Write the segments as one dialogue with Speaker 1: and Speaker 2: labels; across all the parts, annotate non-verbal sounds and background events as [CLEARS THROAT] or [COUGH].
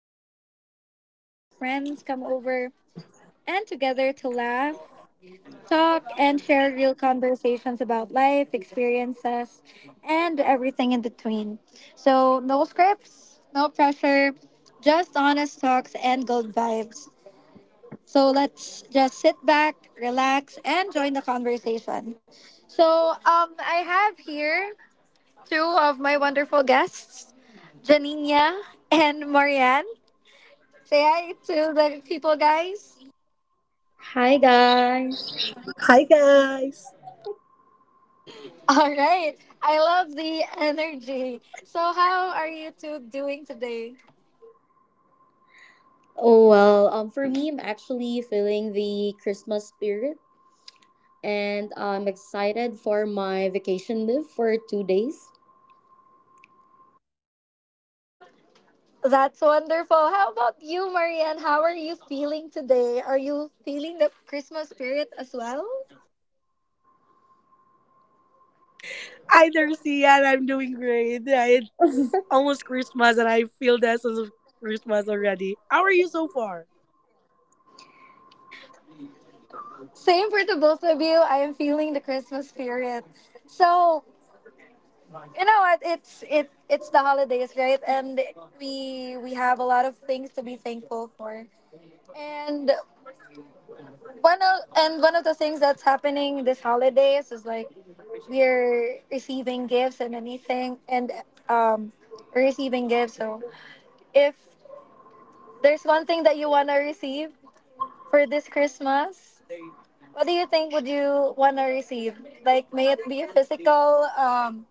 Speaker 1: is a space where friends come over and together to laugh, talk, and share real conversations about life, experiences, and everything in between. So, no scripts, no pressure, just honest talks and good vibes. So, let's just sit back, relax, and join the conversation. So, I have here two of my wonderful guests, Janina and Marianne. Say hi to the people, guys.
Speaker 2: Hi, guys.
Speaker 3: Hi guys.
Speaker 1: All right. I love the energy. So, how are you two doing today?
Speaker 2: Oh, well, for me, I'm actually feeling the Christmas spirit and I'm excited for my vacation leave for 2 days.
Speaker 1: That's wonderful. How about you, Marianne? How are you feeling today? Are you feeling the Christmas spirit as well?
Speaker 3: Hi Darcy, and I'm doing great. Yeah, it's almost Christmas and I feel the essence of Christmas already. How are you so far?
Speaker 1: Same for the both of you. I am feeling the Christmas spirit. So, you know what it's the holidays, right? And we have a lot of things to be thankful for, and one of the things that's happening this holidays is like we're receiving gifts and anything, and um we're receiving gifts. So if there's one thing that you want to receive for this Christmas, what do you think, would you want to receive, like, may it be a physical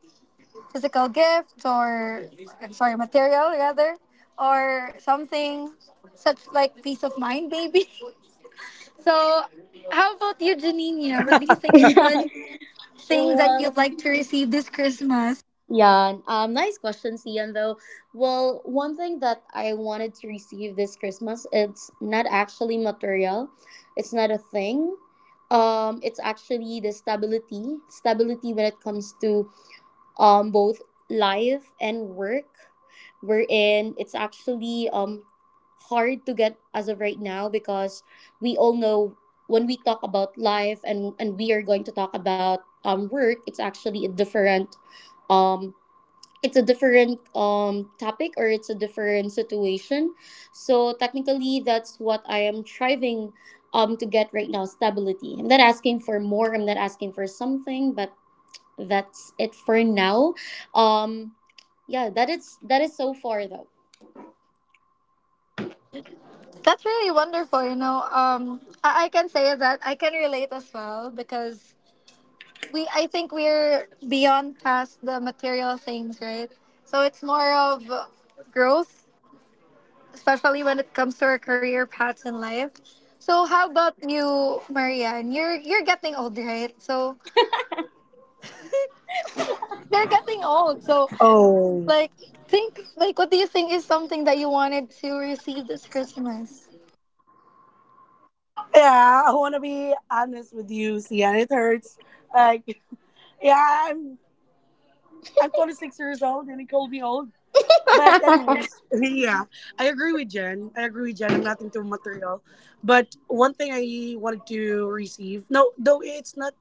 Speaker 1: physical gift, or I'm sorry, material rather, or something such like peace of mind maybe? [LAUGHS] So how about you, Janina? What do you think is one
Speaker 2: [LAUGHS]
Speaker 1: thing that
Speaker 2: Well,
Speaker 1: you'd like to receive this Christmas?
Speaker 2: yeah, nice question, Cian, though. Well, one thing that I wanted to receive this Christmas, it's not actually material. It's not a thing. It's actually the stability when it comes to both life and work, wherein it's actually hard to get as of right now, because we all know when we talk about life, and we are going to talk about work. It's actually a different, um topic or it's a different situation. So technically, that's what I am striving to get right now. Stability. I'm not asking for more, I'm not asking for something, but that's it for now. Um, yeah, that is so far though.
Speaker 1: That's really wonderful. I can say that I can relate as well, because we I think we're beyond past the material things, right? So it's more of growth, especially when it comes to our career paths in life. So how about you, Marianne? You're getting old, right? So you're getting old. So,
Speaker 3: Oh.
Speaker 1: like, think, like, what do you think is something that you wanted to receive this Christmas?
Speaker 3: Yeah, I wanna be honest with you, Sian. It hurts. Like, yeah, I'm 26 years old and he called me old. But anyways,
Speaker 2: [LAUGHS]
Speaker 3: [LAUGHS] yeah, I agree with Jen. I agree with Jen. I'm nothing too material. But one thing I wanted to receive, no, though it's not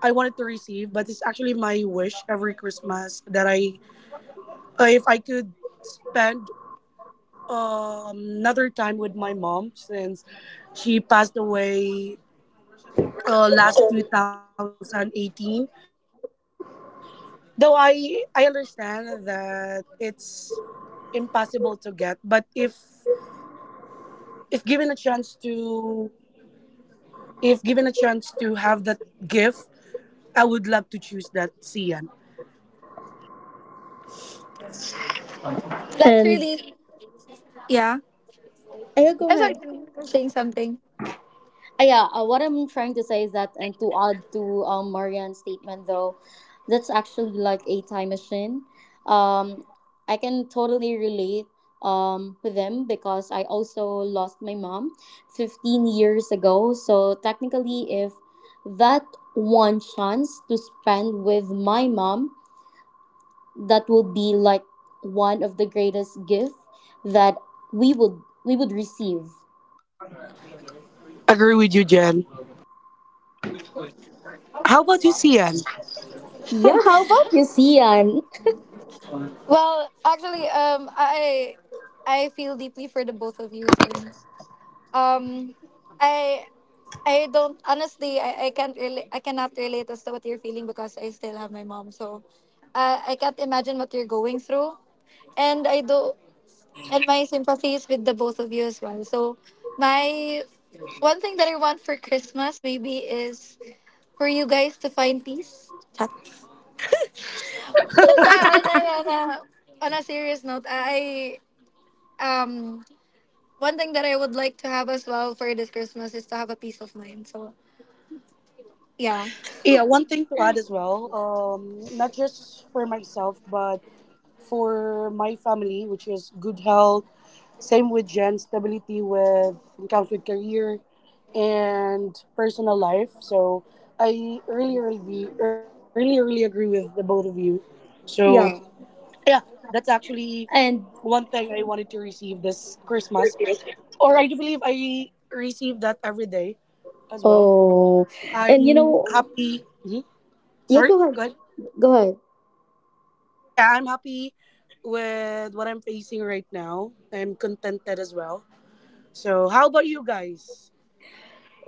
Speaker 3: I wanted to receive, but it's actually my wish every Christmas that I, if I could spend another time with my mom since she passed away last 2018. Though I understand that it's impossible to get, but if given a chance to if given a chance to have that gift, I would love to choose that, Cian.
Speaker 1: That's
Speaker 2: And
Speaker 1: really, yeah.
Speaker 2: yeah, go
Speaker 1: I'm sorry,
Speaker 2: ahead.
Speaker 1: you were saying something.
Speaker 2: Yeah, what I'm trying to say is that, and to add to Marianne's statement though, that's actually like a time machine. Um, I can totally relate with them because I also lost my mom 15 years ago. So technically, if that one chance to spend with my mom, that will be like one of the greatest gifts that we would receive.
Speaker 3: Agree with you, Jen. How about you, Cian?
Speaker 2: Yeah, how about you, Sian?
Speaker 1: Well, actually, I feel deeply for the both of you, since um, I I don't honestly, I can't really, I cannot relate as to what you're feeling, because I still have my mom. So I can't imagine what you're going through, and I do and my sympathies with the both of you as well. So my one thing that I want for Christmas maybe is for you guys to find peace. Chat. But yeah, on a serious note, I um one thing that I would like to have as well for this Christmas is to have a peace of mind. So yeah.
Speaker 3: Yeah, one thing to add as well, not just for myself, but for my family, which is good health. Same with Jen, stability with it comes with career and personal life. So I really, really, really, really agree with the both of you. So
Speaker 2: Yeah.
Speaker 3: yeah, that's actually
Speaker 2: And
Speaker 3: one thing I wanted to receive this Christmas, or I do believe I receive that every day as well.
Speaker 2: oh, and you
Speaker 3: I'm
Speaker 2: know,
Speaker 3: happy. Mhm.
Speaker 2: yeah,
Speaker 3: Sorry,
Speaker 2: go ahead,
Speaker 3: go ahead.
Speaker 2: go ahead.
Speaker 3: Yeah, I'm happy with what I'm facing right now. I'm contented as well. So, how about you guys?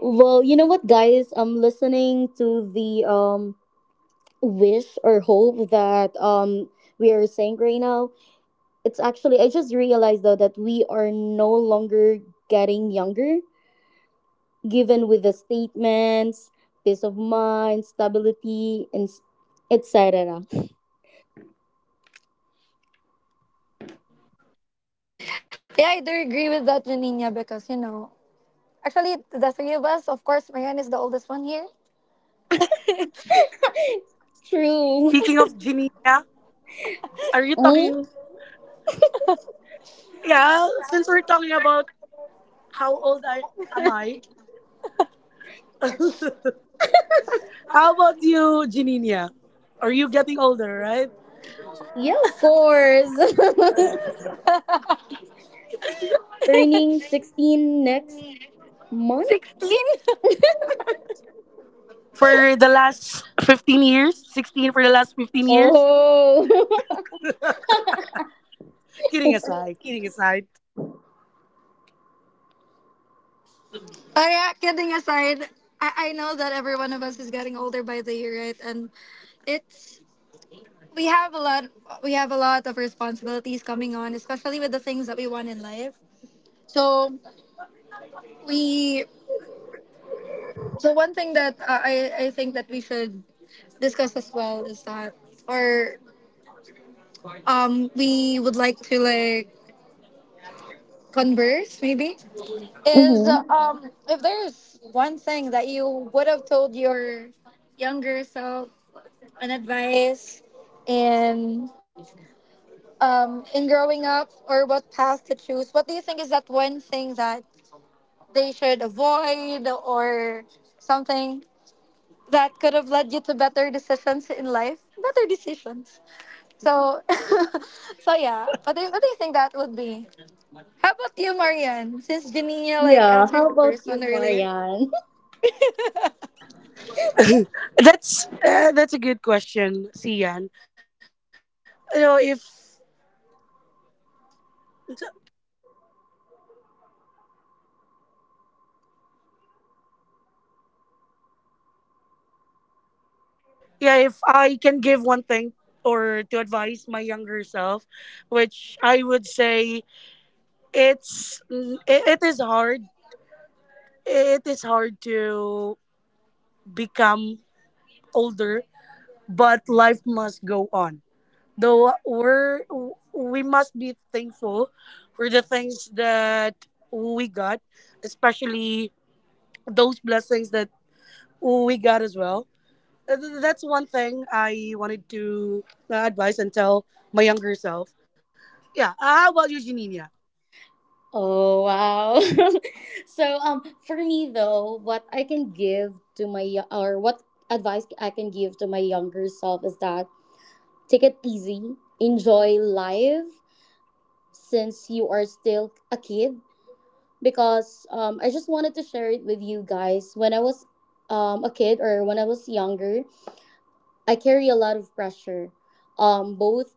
Speaker 2: Well, you know what, guys, I'm listening to the wish or hope that we are saying right now. It's actually I just realized though that we are no longer getting younger. Given with the statements peace of mind, stability, and etc.
Speaker 1: Yeah, I do agree with that, Janina, because, actually, the three of us, of course, Marianne is the oldest one here.
Speaker 3: Speaking
Speaker 2: True.
Speaker 3: of Ginia, are you talking?
Speaker 2: Mm?
Speaker 3: Yeah, since we're talking about how old I am, I, how about you, Ginia? Are you getting older, right?
Speaker 2: Yeah, of course.
Speaker 1: [LAUGHS]
Speaker 2: [LAUGHS] Turning 16 next month?
Speaker 1: 16? [LAUGHS]
Speaker 3: For the last 15 years, 16, for the last 15 years.
Speaker 2: Oh.
Speaker 3: Kidding aside, kidding aside.
Speaker 1: Oh, yeah, kidding aside, I know that every one of us is getting older by the year, right? And it's we have a lot we have a lot of responsibilities coming on, especially with the things that we want in life. So we so one thing that I think that we should discuss as well is that, or we would like to, like, converse maybe,
Speaker 2: [LAUGHS]
Speaker 1: is
Speaker 2: Mm-hmm.
Speaker 1: if there's one thing that you would have told your younger self, an advice in in growing up, or what path to choose, what do you think is that one thing that they should avoid or something that could have led you to better decisions in life, better decisions? So [LAUGHS] so yeah, what do you think that would be? How about you, Marianne? Since Janina, like,
Speaker 2: Yeah,
Speaker 1: answered
Speaker 2: how
Speaker 1: the
Speaker 2: about
Speaker 1: first
Speaker 2: you,
Speaker 1: one earlier.
Speaker 2: Marianne? [LAUGHS]
Speaker 3: That's a good question, Sian, you know, if yeah, if I can give one thing or to advise my younger self, which I would say it is hard. It is hard to become older, but life must go on. Though we must be thankful for the things that we got, especially those blessings that we got as well. That's one thing I wanted to advise and tell my younger self. Yeah. How about you, Janina?
Speaker 2: Oh, wow. [LAUGHS] So, for me though, what I can give to my yo- or what advice I can give to my younger self is that, take it easy, enjoy life, since you are still a kid, because I just wanted to share it with you guys. When I was a kid, or when I was younger, I carry a lot of pressure, both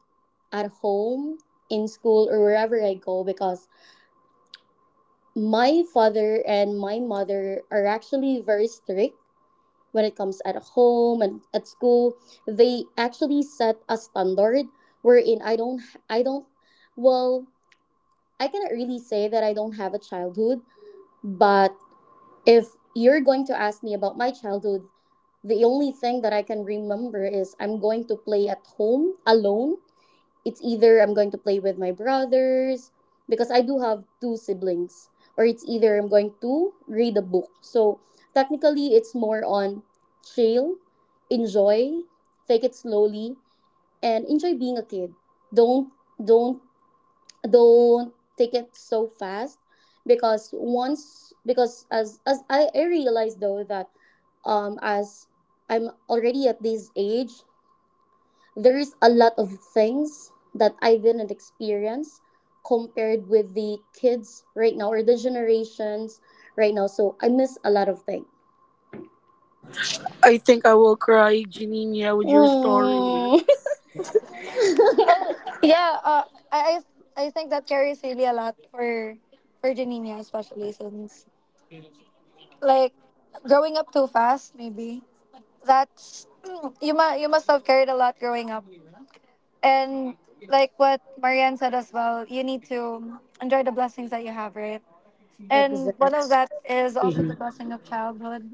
Speaker 2: at home, in school, or wherever I go, because my father and my mother are actually very strict when it comes at home and at school. They actually set a standard wherein I don't, well, I cannot really say that I don't have a childhood. But if you're going to ask me about my childhood, the only thing that I can remember is I'm going to play at home alone. It's either I'm going to play with my brothers, because I do have two siblings, or it's either I'm going to read a book. So technically, it's more on chill, enjoy, take it slowly, and enjoy being a kid. Don't don't don't take it so fast, because once because as I realized though that as I'm already at this age, there is a lot of things that I didn't experience compared with the kids right now or the generations right now. So I miss a lot of things.
Speaker 3: I think I will cry, Janina, with your story.
Speaker 2: Mm.
Speaker 1: Yeah, I I I think that carries really a lot for Janina, especially since, like, growing up too fast, maybe that's [CLEARS THROAT] you must have carried a lot growing up. And like what Marianne said as well, you need to enjoy the blessings that you have, right?
Speaker 2: [LAUGHS]
Speaker 1: And one
Speaker 2: Exactly.
Speaker 1: of that is also the
Speaker 3: Hmm.
Speaker 1: blessing of childhood.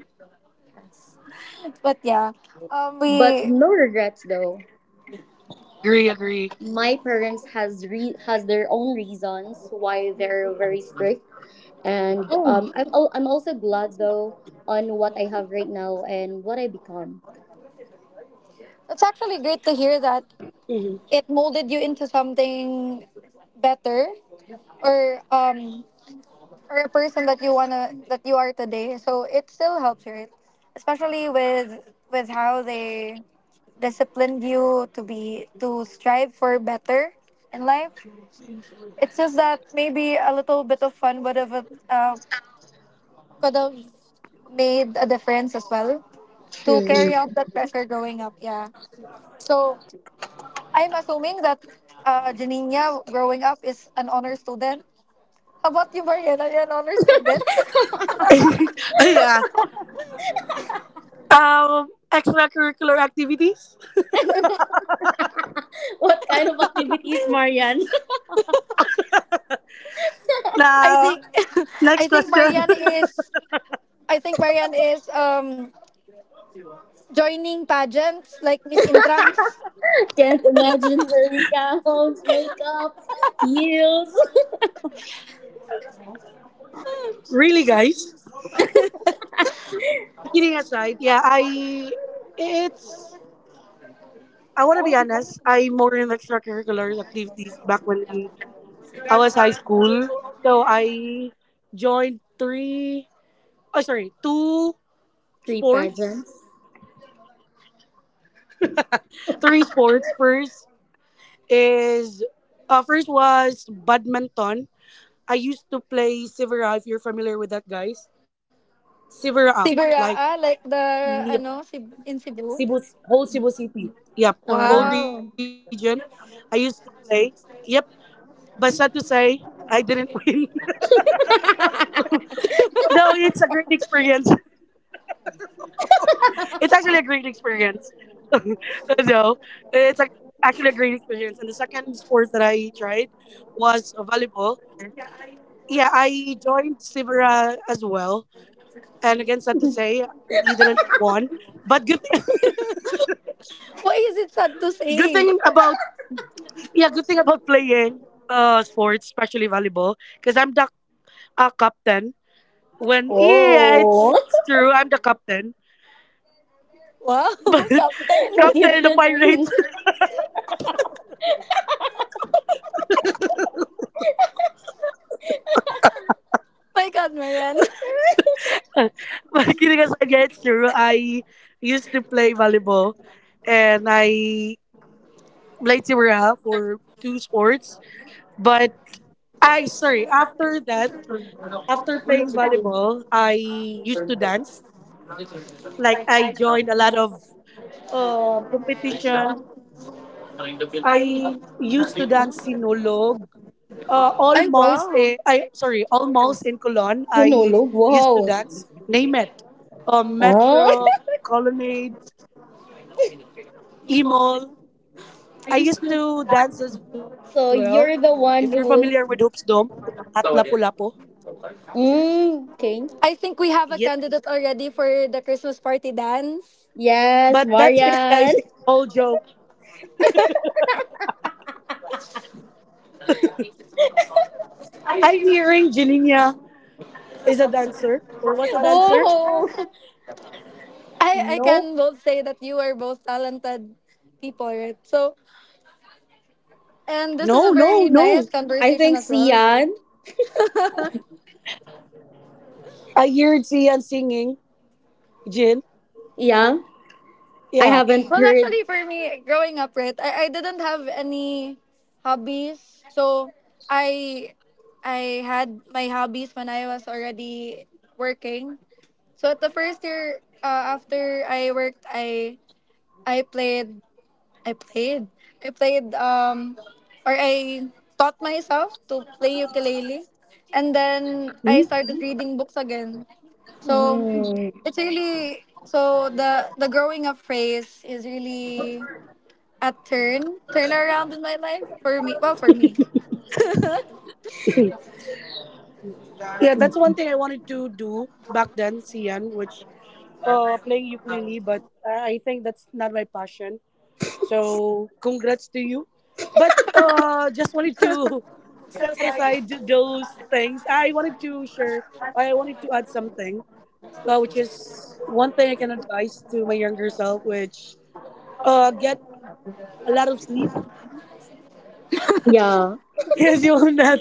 Speaker 1: But yeah, um
Speaker 2: But
Speaker 1: we
Speaker 2: no regrets though.
Speaker 3: Agree, agree.
Speaker 2: My parents has has their own reasons why they're very strict. And
Speaker 1: mm,
Speaker 2: I'm also glad though on what I have right now and what I become.
Speaker 1: it's actually great to hear that
Speaker 3: Hmm.
Speaker 1: it molded you into something better, or um or a person that you wanna that you are today. So it still helps, right? Especially with how they disciplined you to be, to strive for better in life. It's just that maybe a little bit of fun would have could have made a difference as well to
Speaker 2: True.
Speaker 1: carry out that pressure growing up. Yeah. So I'm assuming that Janina growing up is an honor student. How about you, Mariana? You're an honor student.
Speaker 2: [LAUGHS]
Speaker 3: [LAUGHS] Yeah. Extracurricular activities.
Speaker 2: What kind of activities, Marian?
Speaker 1: [LAUGHS] I
Speaker 3: Now,
Speaker 1: think [LAUGHS]
Speaker 3: next
Speaker 1: I think
Speaker 3: question.
Speaker 1: Marianne is I think Marianne is joining pageants like Miss
Speaker 2: [LAUGHS]
Speaker 1: Intrams,
Speaker 2: Can't imagine wearing gowns, makeup, heels,
Speaker 3: [LAUGHS] Really, guys? But kidding aside, yeah, it's I want to be honest. I more in extracurricular activities back when I was high school. So I joined three. Oh, sorry, two
Speaker 2: three
Speaker 3: sports.
Speaker 2: pageants.
Speaker 3: Three sports. Is first was badminton. I used to play Sivera. If you're familiar with that, guys, Sivera,
Speaker 1: Siberia,
Speaker 3: like,
Speaker 1: like
Speaker 3: yep,
Speaker 1: In Cebu.
Speaker 3: Cebu, whole Cebu City, yep, whole
Speaker 2: Uh,
Speaker 3: region.
Speaker 1: Wow.
Speaker 3: I used to play. Yep, but sad to say, I didn't [LAUGHS] win.
Speaker 2: [LAUGHS]
Speaker 3: No, it's a great experience. It's actually a great experience. [LAUGHS] No, it's a, actually a great experience. And the second sport that I tried was volleyball. Yeah, I joined Sivera as well, and again sad to say we didn't won, but good thing,
Speaker 1: Why is it sad to
Speaker 3: [LAUGHS] good
Speaker 1: say?
Speaker 3: thing about yeah good thing about playing sports, especially volleyball, because I'm the captain. When, yeah, it's,
Speaker 2: Oh.
Speaker 3: it's true, I'm the captain,
Speaker 1: Wow,
Speaker 3: [LAUGHS] but
Speaker 1: [LAUGHS] Captain.
Speaker 2: [LAUGHS] But you
Speaker 3: captain in the
Speaker 2: didn't win.
Speaker 3: pirates.
Speaker 1: My God, Marianne.
Speaker 3: [LAUGHS] But kidding aside, yeah, it's true. I used to play volleyball and I played Tibera for two sports. But I, sorry, after playing volleyball, I used to dance. Like, I joined a lot of competition. I used to dance sinulog. Uh,
Speaker 1: Ay,
Speaker 3: almost
Speaker 1: wow.
Speaker 3: almost in Cologne. I
Speaker 2: Sinulog,
Speaker 3: used
Speaker 2: wow.
Speaker 3: to dance. Name it,
Speaker 2: Oh. [LAUGHS]
Speaker 3: Metro, Colonnade, E Mall. I used to dance as well.
Speaker 2: So
Speaker 3: If you're
Speaker 2: you're the
Speaker 3: familiar
Speaker 2: one
Speaker 3: with Hoops
Speaker 2: who's
Speaker 3: Dome, at Lapu Lapu.
Speaker 2: okay.
Speaker 1: I think we
Speaker 3: Yep.
Speaker 1: have a candidate already for the Christmas party dance.
Speaker 2: Yes,
Speaker 3: But that's it,
Speaker 2: Marian.
Speaker 3: guys. It's all joke. I'm hearing Jelinia is a dancer or was a dancer.
Speaker 2: Oh,
Speaker 1: I
Speaker 2: no.
Speaker 1: can both say that you are both talented people, right? So, and this is a
Speaker 3: No,
Speaker 1: very
Speaker 3: no,
Speaker 1: nice
Speaker 3: no.
Speaker 2: I
Speaker 1: conversation
Speaker 2: think
Speaker 1: as well.
Speaker 2: Sian.
Speaker 1: [LAUGHS]
Speaker 3: I heard Sian singing, Jin.
Speaker 2: Yeah. I
Speaker 3: Yeah.
Speaker 2: haven't
Speaker 1: Well,
Speaker 2: heard.
Speaker 1: actually, for me, growing up, right, I didn't have any hobbies. So I I had my hobbies when I was already working. So at the first year, after I worked, I played I played I played um I taught myself to play ukulele, and then I started reading books again. So
Speaker 2: Mm,
Speaker 1: it's really, so the growing up phase is really a turnaround in my life, for me. Well, for me
Speaker 3: Yeah, that's one thing I wanted to do back then, Sian, which playing ukulele, but I think that's not my passion. So congrats to you. But just wanted to [LAUGHS] set aside those things. I wanted to add something, which is one thing I can advise to my younger self, which get a lot of sleep.
Speaker 2: yeah.
Speaker 3: [LAUGHS] Because you will not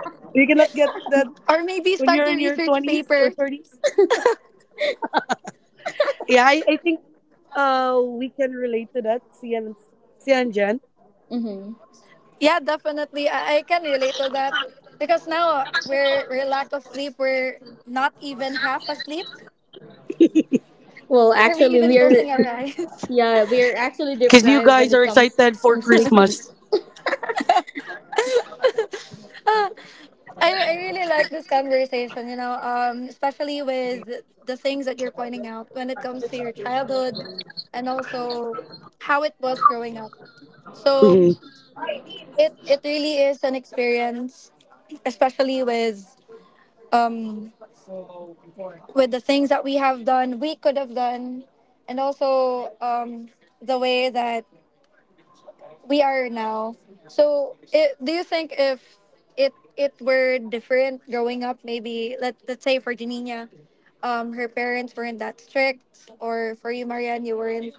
Speaker 3: [LAUGHS] you cannot get that
Speaker 1: or maybe
Speaker 3: when you're
Speaker 1: start
Speaker 3: in
Speaker 1: a
Speaker 3: your
Speaker 1: research
Speaker 3: 20s or
Speaker 1: paper.
Speaker 3: 30s. Yeah, I think we can relate to that, Sian and Jen.
Speaker 2: hmm
Speaker 1: Yeah, definitely. I can relate to that, because now, we're lack of sleep, we're not even half asleep,
Speaker 2: Well,
Speaker 1: are we
Speaker 2: actually,
Speaker 1: even closing
Speaker 2: we're.
Speaker 1: our eyes?
Speaker 2: Yeah, we're actually
Speaker 3: Because you
Speaker 2: deprived
Speaker 3: guys
Speaker 2: when it
Speaker 3: are
Speaker 2: comes
Speaker 3: excited for
Speaker 2: in sleeping.
Speaker 1: [LAUGHS]
Speaker 3: Christmas.
Speaker 1: I really like this conversation, especially with the things that you're pointing out when it comes to your childhood, and also how it was growing up. So
Speaker 3: Mhm.
Speaker 1: it really is an experience, especially um, with the things that we have done, we could have done, and also the way that we are now. So, do you think, if it were different growing up, maybe let's say, for Janina, her parents weren't that strict, or for you, Marianne, you weren't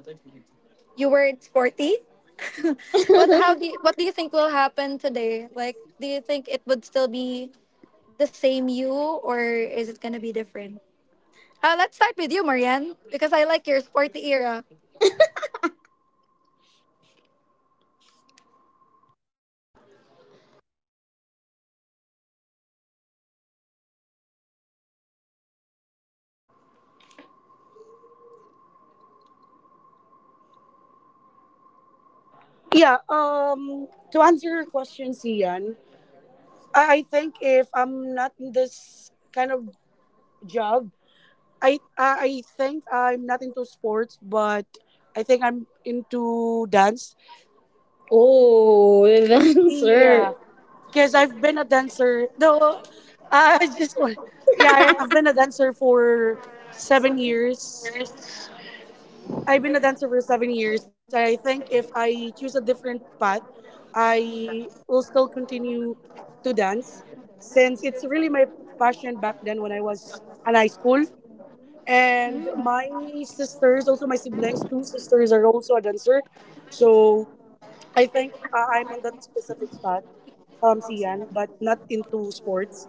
Speaker 1: you weren't sporty, [LAUGHS]
Speaker 2: [LAUGHS]
Speaker 1: but what do you think will happen today? Like, do you think it would still be the same you, or is it gonna be different? Let's start with you, Marianne, because I like your sporty era.
Speaker 3: Yeah, to answer your question, Sian, I think if I'm not in this kind of job, I think I'm not into sports, but I think I'm into dance.
Speaker 2: Oh, the answer.
Speaker 3: Yeah, because I've been a dancer. Though [LAUGHS] I just want, yeah, I- I've been a dancer for 7 years. I've been a dancer for 7 years. And I think if I choose a different path, I will still continue to dance since it's really my passion back then when I was in high school. And my sisters, also my siblings, two sisters are also a dancer. So I think I'm on that specific path, Sian, but not into sports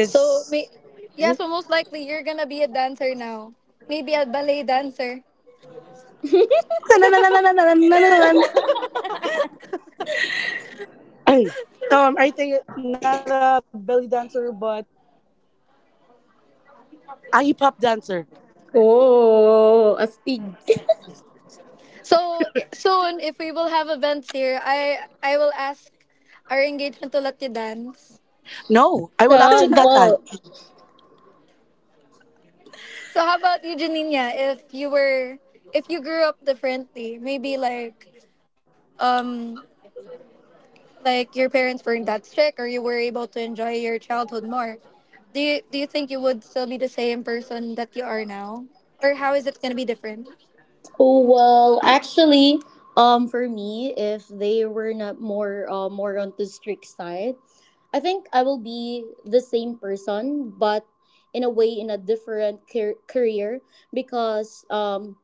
Speaker 1: So, yeah, so most likely you're gonna be a dancer now. Maybe a ballet dancer.
Speaker 3: [COUGHS]
Speaker 1: [LAUGHS]
Speaker 3: I think not a belly dancer, but a hip hop dancer.
Speaker 2: [LAUGHS] Oh, a stig.
Speaker 1: So soon, if we will have events here, I will ask our engagement to let you dance.
Speaker 3: No, I will absent that time.
Speaker 1: [LAUGHS]
Speaker 2: Sample.
Speaker 1: So how about you, Janina? If you grew up differently, maybe like, um, like, your parents weren't that strict, or you were able to enjoy your childhood more, do you think you would still be the same person that you are now, or how is it going to be different?
Speaker 2: Oh well, actually, for me, if they were not more, more on the strict side, I think I will be the same person, but in a way, in a different career, because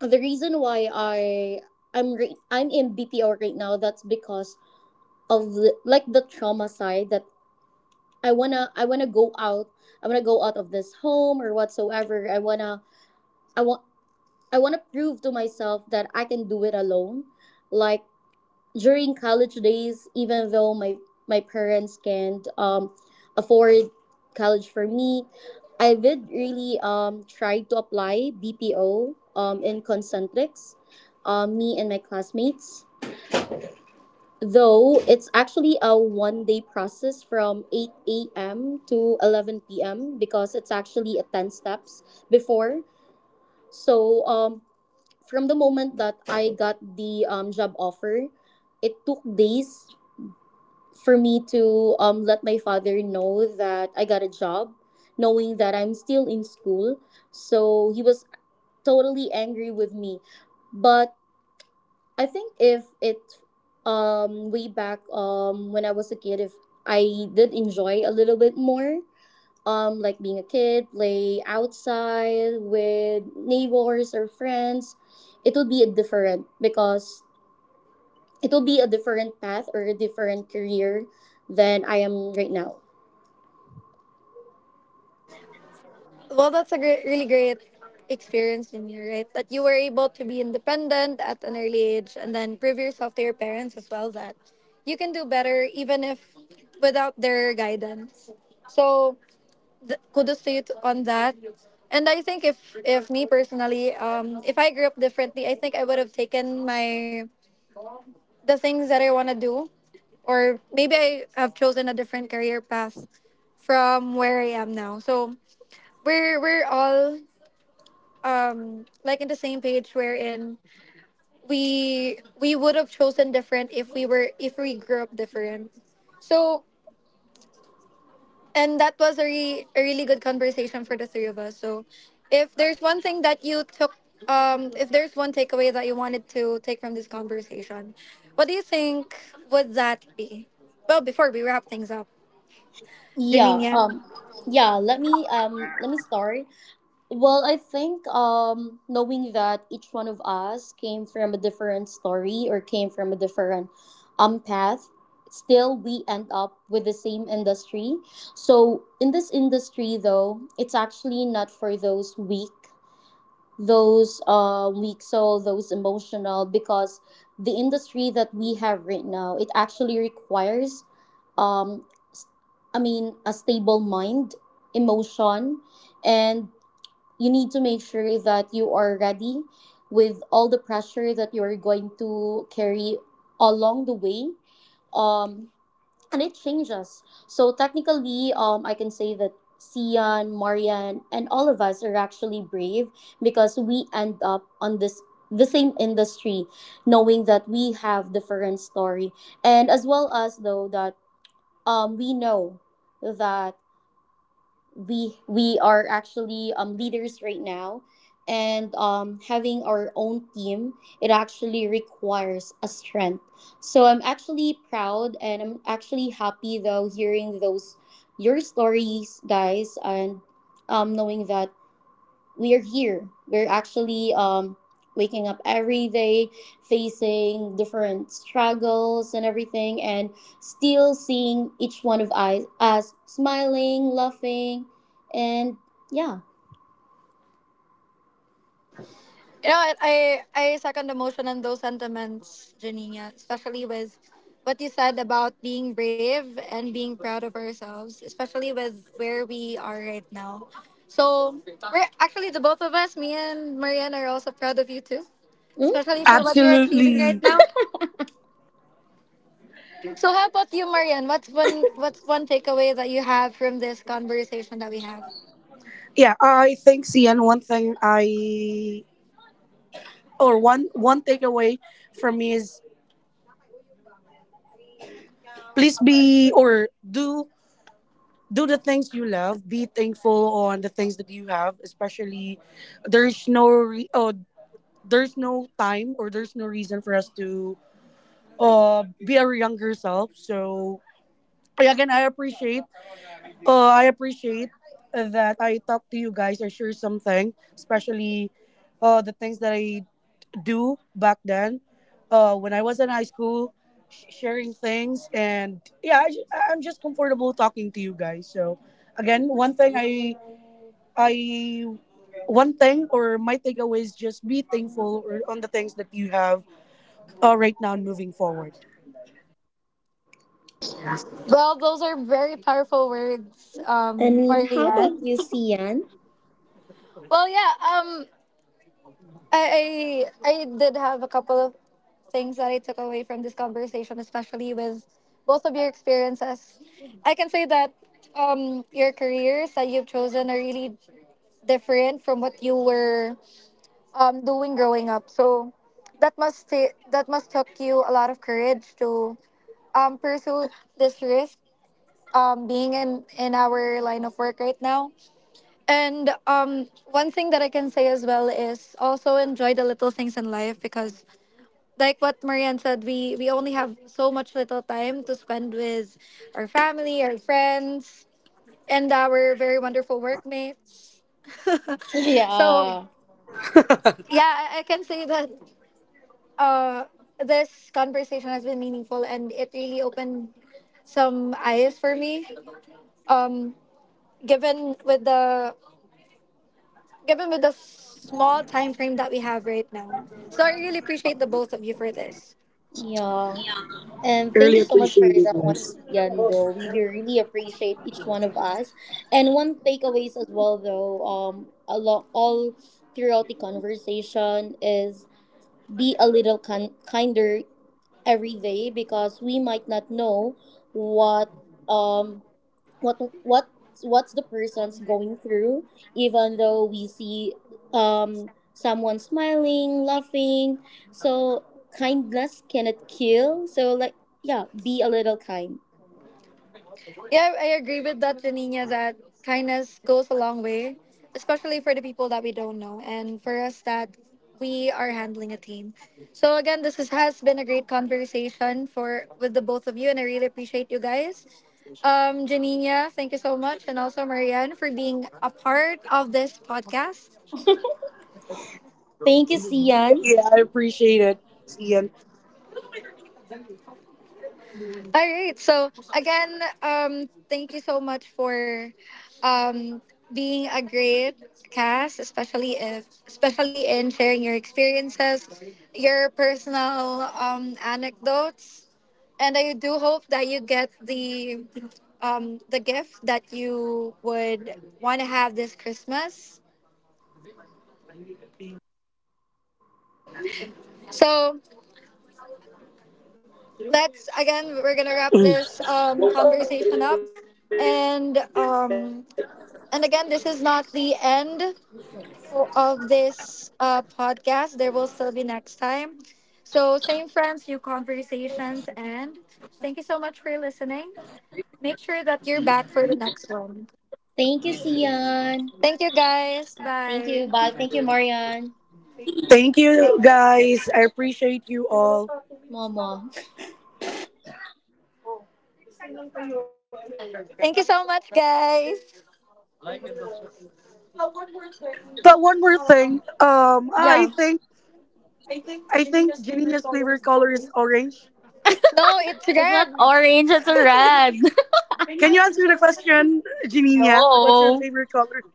Speaker 2: the reason why I'm in BPO right now, that's because of the, like, the trauma side, that I wanna go out, I wanna go out of this home or whatsoever. I want I want to prove to myself that I can do it alone. Like during college days, even though my parents can't afford college for me, I did really try to apply BPO in Concentrix, me and my classmates. Though it's actually a one day process from 8 a.m. to 11 p.m., because it's actually a 10 steps before. So from the moment that I got the job offer, it took days for me to let my father know that I got a job, knowing that I'm still in school. So he was totally angry with me. But I think if way back when I was a kid, if I did enjoy a little bit more, like being a kid, play outside with neighbors or friends, it will be a different because it will be a different path or a different career than I am right now.
Speaker 1: Well, that's a great, really great experience in you, right, that you were able to be independent at an early age and then prove yourself to your parents as well, that you can do better even if without their guidance. So kudos to you on that. And I think, if me personally, if I grew up differently, I think I would have taken my the things that I want to do, or maybe I have chosen a different career path from where I am now. So we're all like in the same page, wherein we would have chosen different if we were if we grew up different. So, and that was a really good conversation for the three of us. So, if there's one thing that you took, if there's one takeaway that you wanted to take from this conversation, what do you think would that be? Well, before we wrap things up, Janine,
Speaker 2: Yeah.
Speaker 1: yeah?
Speaker 2: Yeah. Let me start. Well, I think knowing that each one of us came from a different story or came from a different path, still we end up with the same industry. So, in this industry, though, it's actually not for those weak soul, those emotional, because the industry that we have right now, it actually requires, um, s- I mean, a stable mind, emotion, and you need to make sure that you are ready with all the pressure that you are going to carry along the way, um, and it changes. So technically, I can say that Sian, Marian, and all of us are actually brave, because we end up on this the same industry, knowing that we have different story, and as well as though that we know that we are actually leaders right now, and having our own team, it actually requires a strength. So I'm actually proud, and I'm actually happy though hearing those your stories, guys, and knowing that we're here. We're actually waking up every day, facing different struggles and everything, and still seeing each one of us as smiling, laughing, and yeah.
Speaker 1: You know what? I second the motion and those sentiments, Janina, especially with what you said about being brave and being proud of ourselves, especially with where we are right now. So we're actually, the both of us, me and Marianne, are also proud of you too,
Speaker 2: Mm?
Speaker 1: especially for what you're achieving right
Speaker 3: Absolutely.
Speaker 1: now. So how about you, Marianne? What's one takeaway that you have from this conversation that we have?
Speaker 3: Yeah, I think CN one thing I or one one takeaway from me is please be or do the things you love. Be thankful on the things that you have, especially there's no re- oh, there's no time or there's no reason for us to be our younger self. So yeah, again, I appreciate that I talk to you guys. I share something, especially the things that I do back then, when I was in high school, sharing things. And yeah, I'm just comfortable talking to you guys. So again, one thing I, one thing or my takeaway is just be thankful or on the things that you have right now and moving forward.
Speaker 1: Well, those are very powerful words,
Speaker 2: And how
Speaker 1: Marianne.
Speaker 2: about you, Sian? [LAUGHS]
Speaker 1: Well, yeah. I did have a couple of things that I took away from this conversation, especially with both of your experiences. I can say that your careers that you've chosen are really different from what you were doing growing up. So that must took you a lot of courage to pursue this risk. Being in our line of work right now. And one thing that I can say as well is also enjoy the little things in life, because like what Marianne said, we only have so much little time to spend with our family, our friends, and our very wonderful workmates. [LAUGHS] So
Speaker 2: Yeah.
Speaker 1: yeah, I can say that uh, this conversation has been meaningful, and it really opened some eyes for me. Um, Given with the small time frame that we have right now. So I really appreciate the both of you for this.
Speaker 2: Yeah. And thank
Speaker 3: Really
Speaker 2: you so much for
Speaker 3: appreciate you
Speaker 2: that one,
Speaker 3: guys.
Speaker 2: Sian, though. We do really appreciate each one of us. And one takeaways as well, though, along all throughout the conversation, is be a little kinder every day, because we might not know what um what what what's the person's going through, even though we see someone smiling, laughing. So kindness cannot kill, so like, yeah, be a little kind.
Speaker 1: Yeah, I agree with that, Janina, that kindness goes a long way, especially for the people that we don't know, and for us that we are handling a team. So again, has been a great conversation for with the both of you, and I really appreciate you guys. Janina, thank you so much, and also Marianne, for being a part of this podcast.
Speaker 2: [LAUGHS] Thank you, Sian.
Speaker 3: Yeah, I appreciate it. See
Speaker 1: All right. So again, thank you so much for um, being a great cast, especially if, especially in sharing your experiences, your personal anecdotes, and I do hope that you get the gift that you would want to have this Christmas. So let's again, we're gonna wrap this
Speaker 3: you.
Speaker 1: conversation up, and. And again, this is not the end of this podcast. There will still be next time. So, same friends, new conversations, and thank you so much for listening. Make sure that you're back for the next one.
Speaker 2: Thank you, Sian.
Speaker 1: Thank you, guys.
Speaker 2: Thank you.
Speaker 1: Bye.
Speaker 2: Bye. Thank you, Marian,
Speaker 3: Thank you guys. I appreciate you all.
Speaker 2: mama.
Speaker 1: Thank you so much, guys.
Speaker 3: But one more thing. I think
Speaker 2: [LAUGHS] Yeah,
Speaker 3: I think Janina's favorite color is orange.
Speaker 1: No, it's
Speaker 2: it's not
Speaker 1: red.
Speaker 2: orange, it's a red.
Speaker 3: Can you answer the question,
Speaker 2: [LAUGHS]
Speaker 3: Janina? What's your
Speaker 2: No.
Speaker 3: favorite color?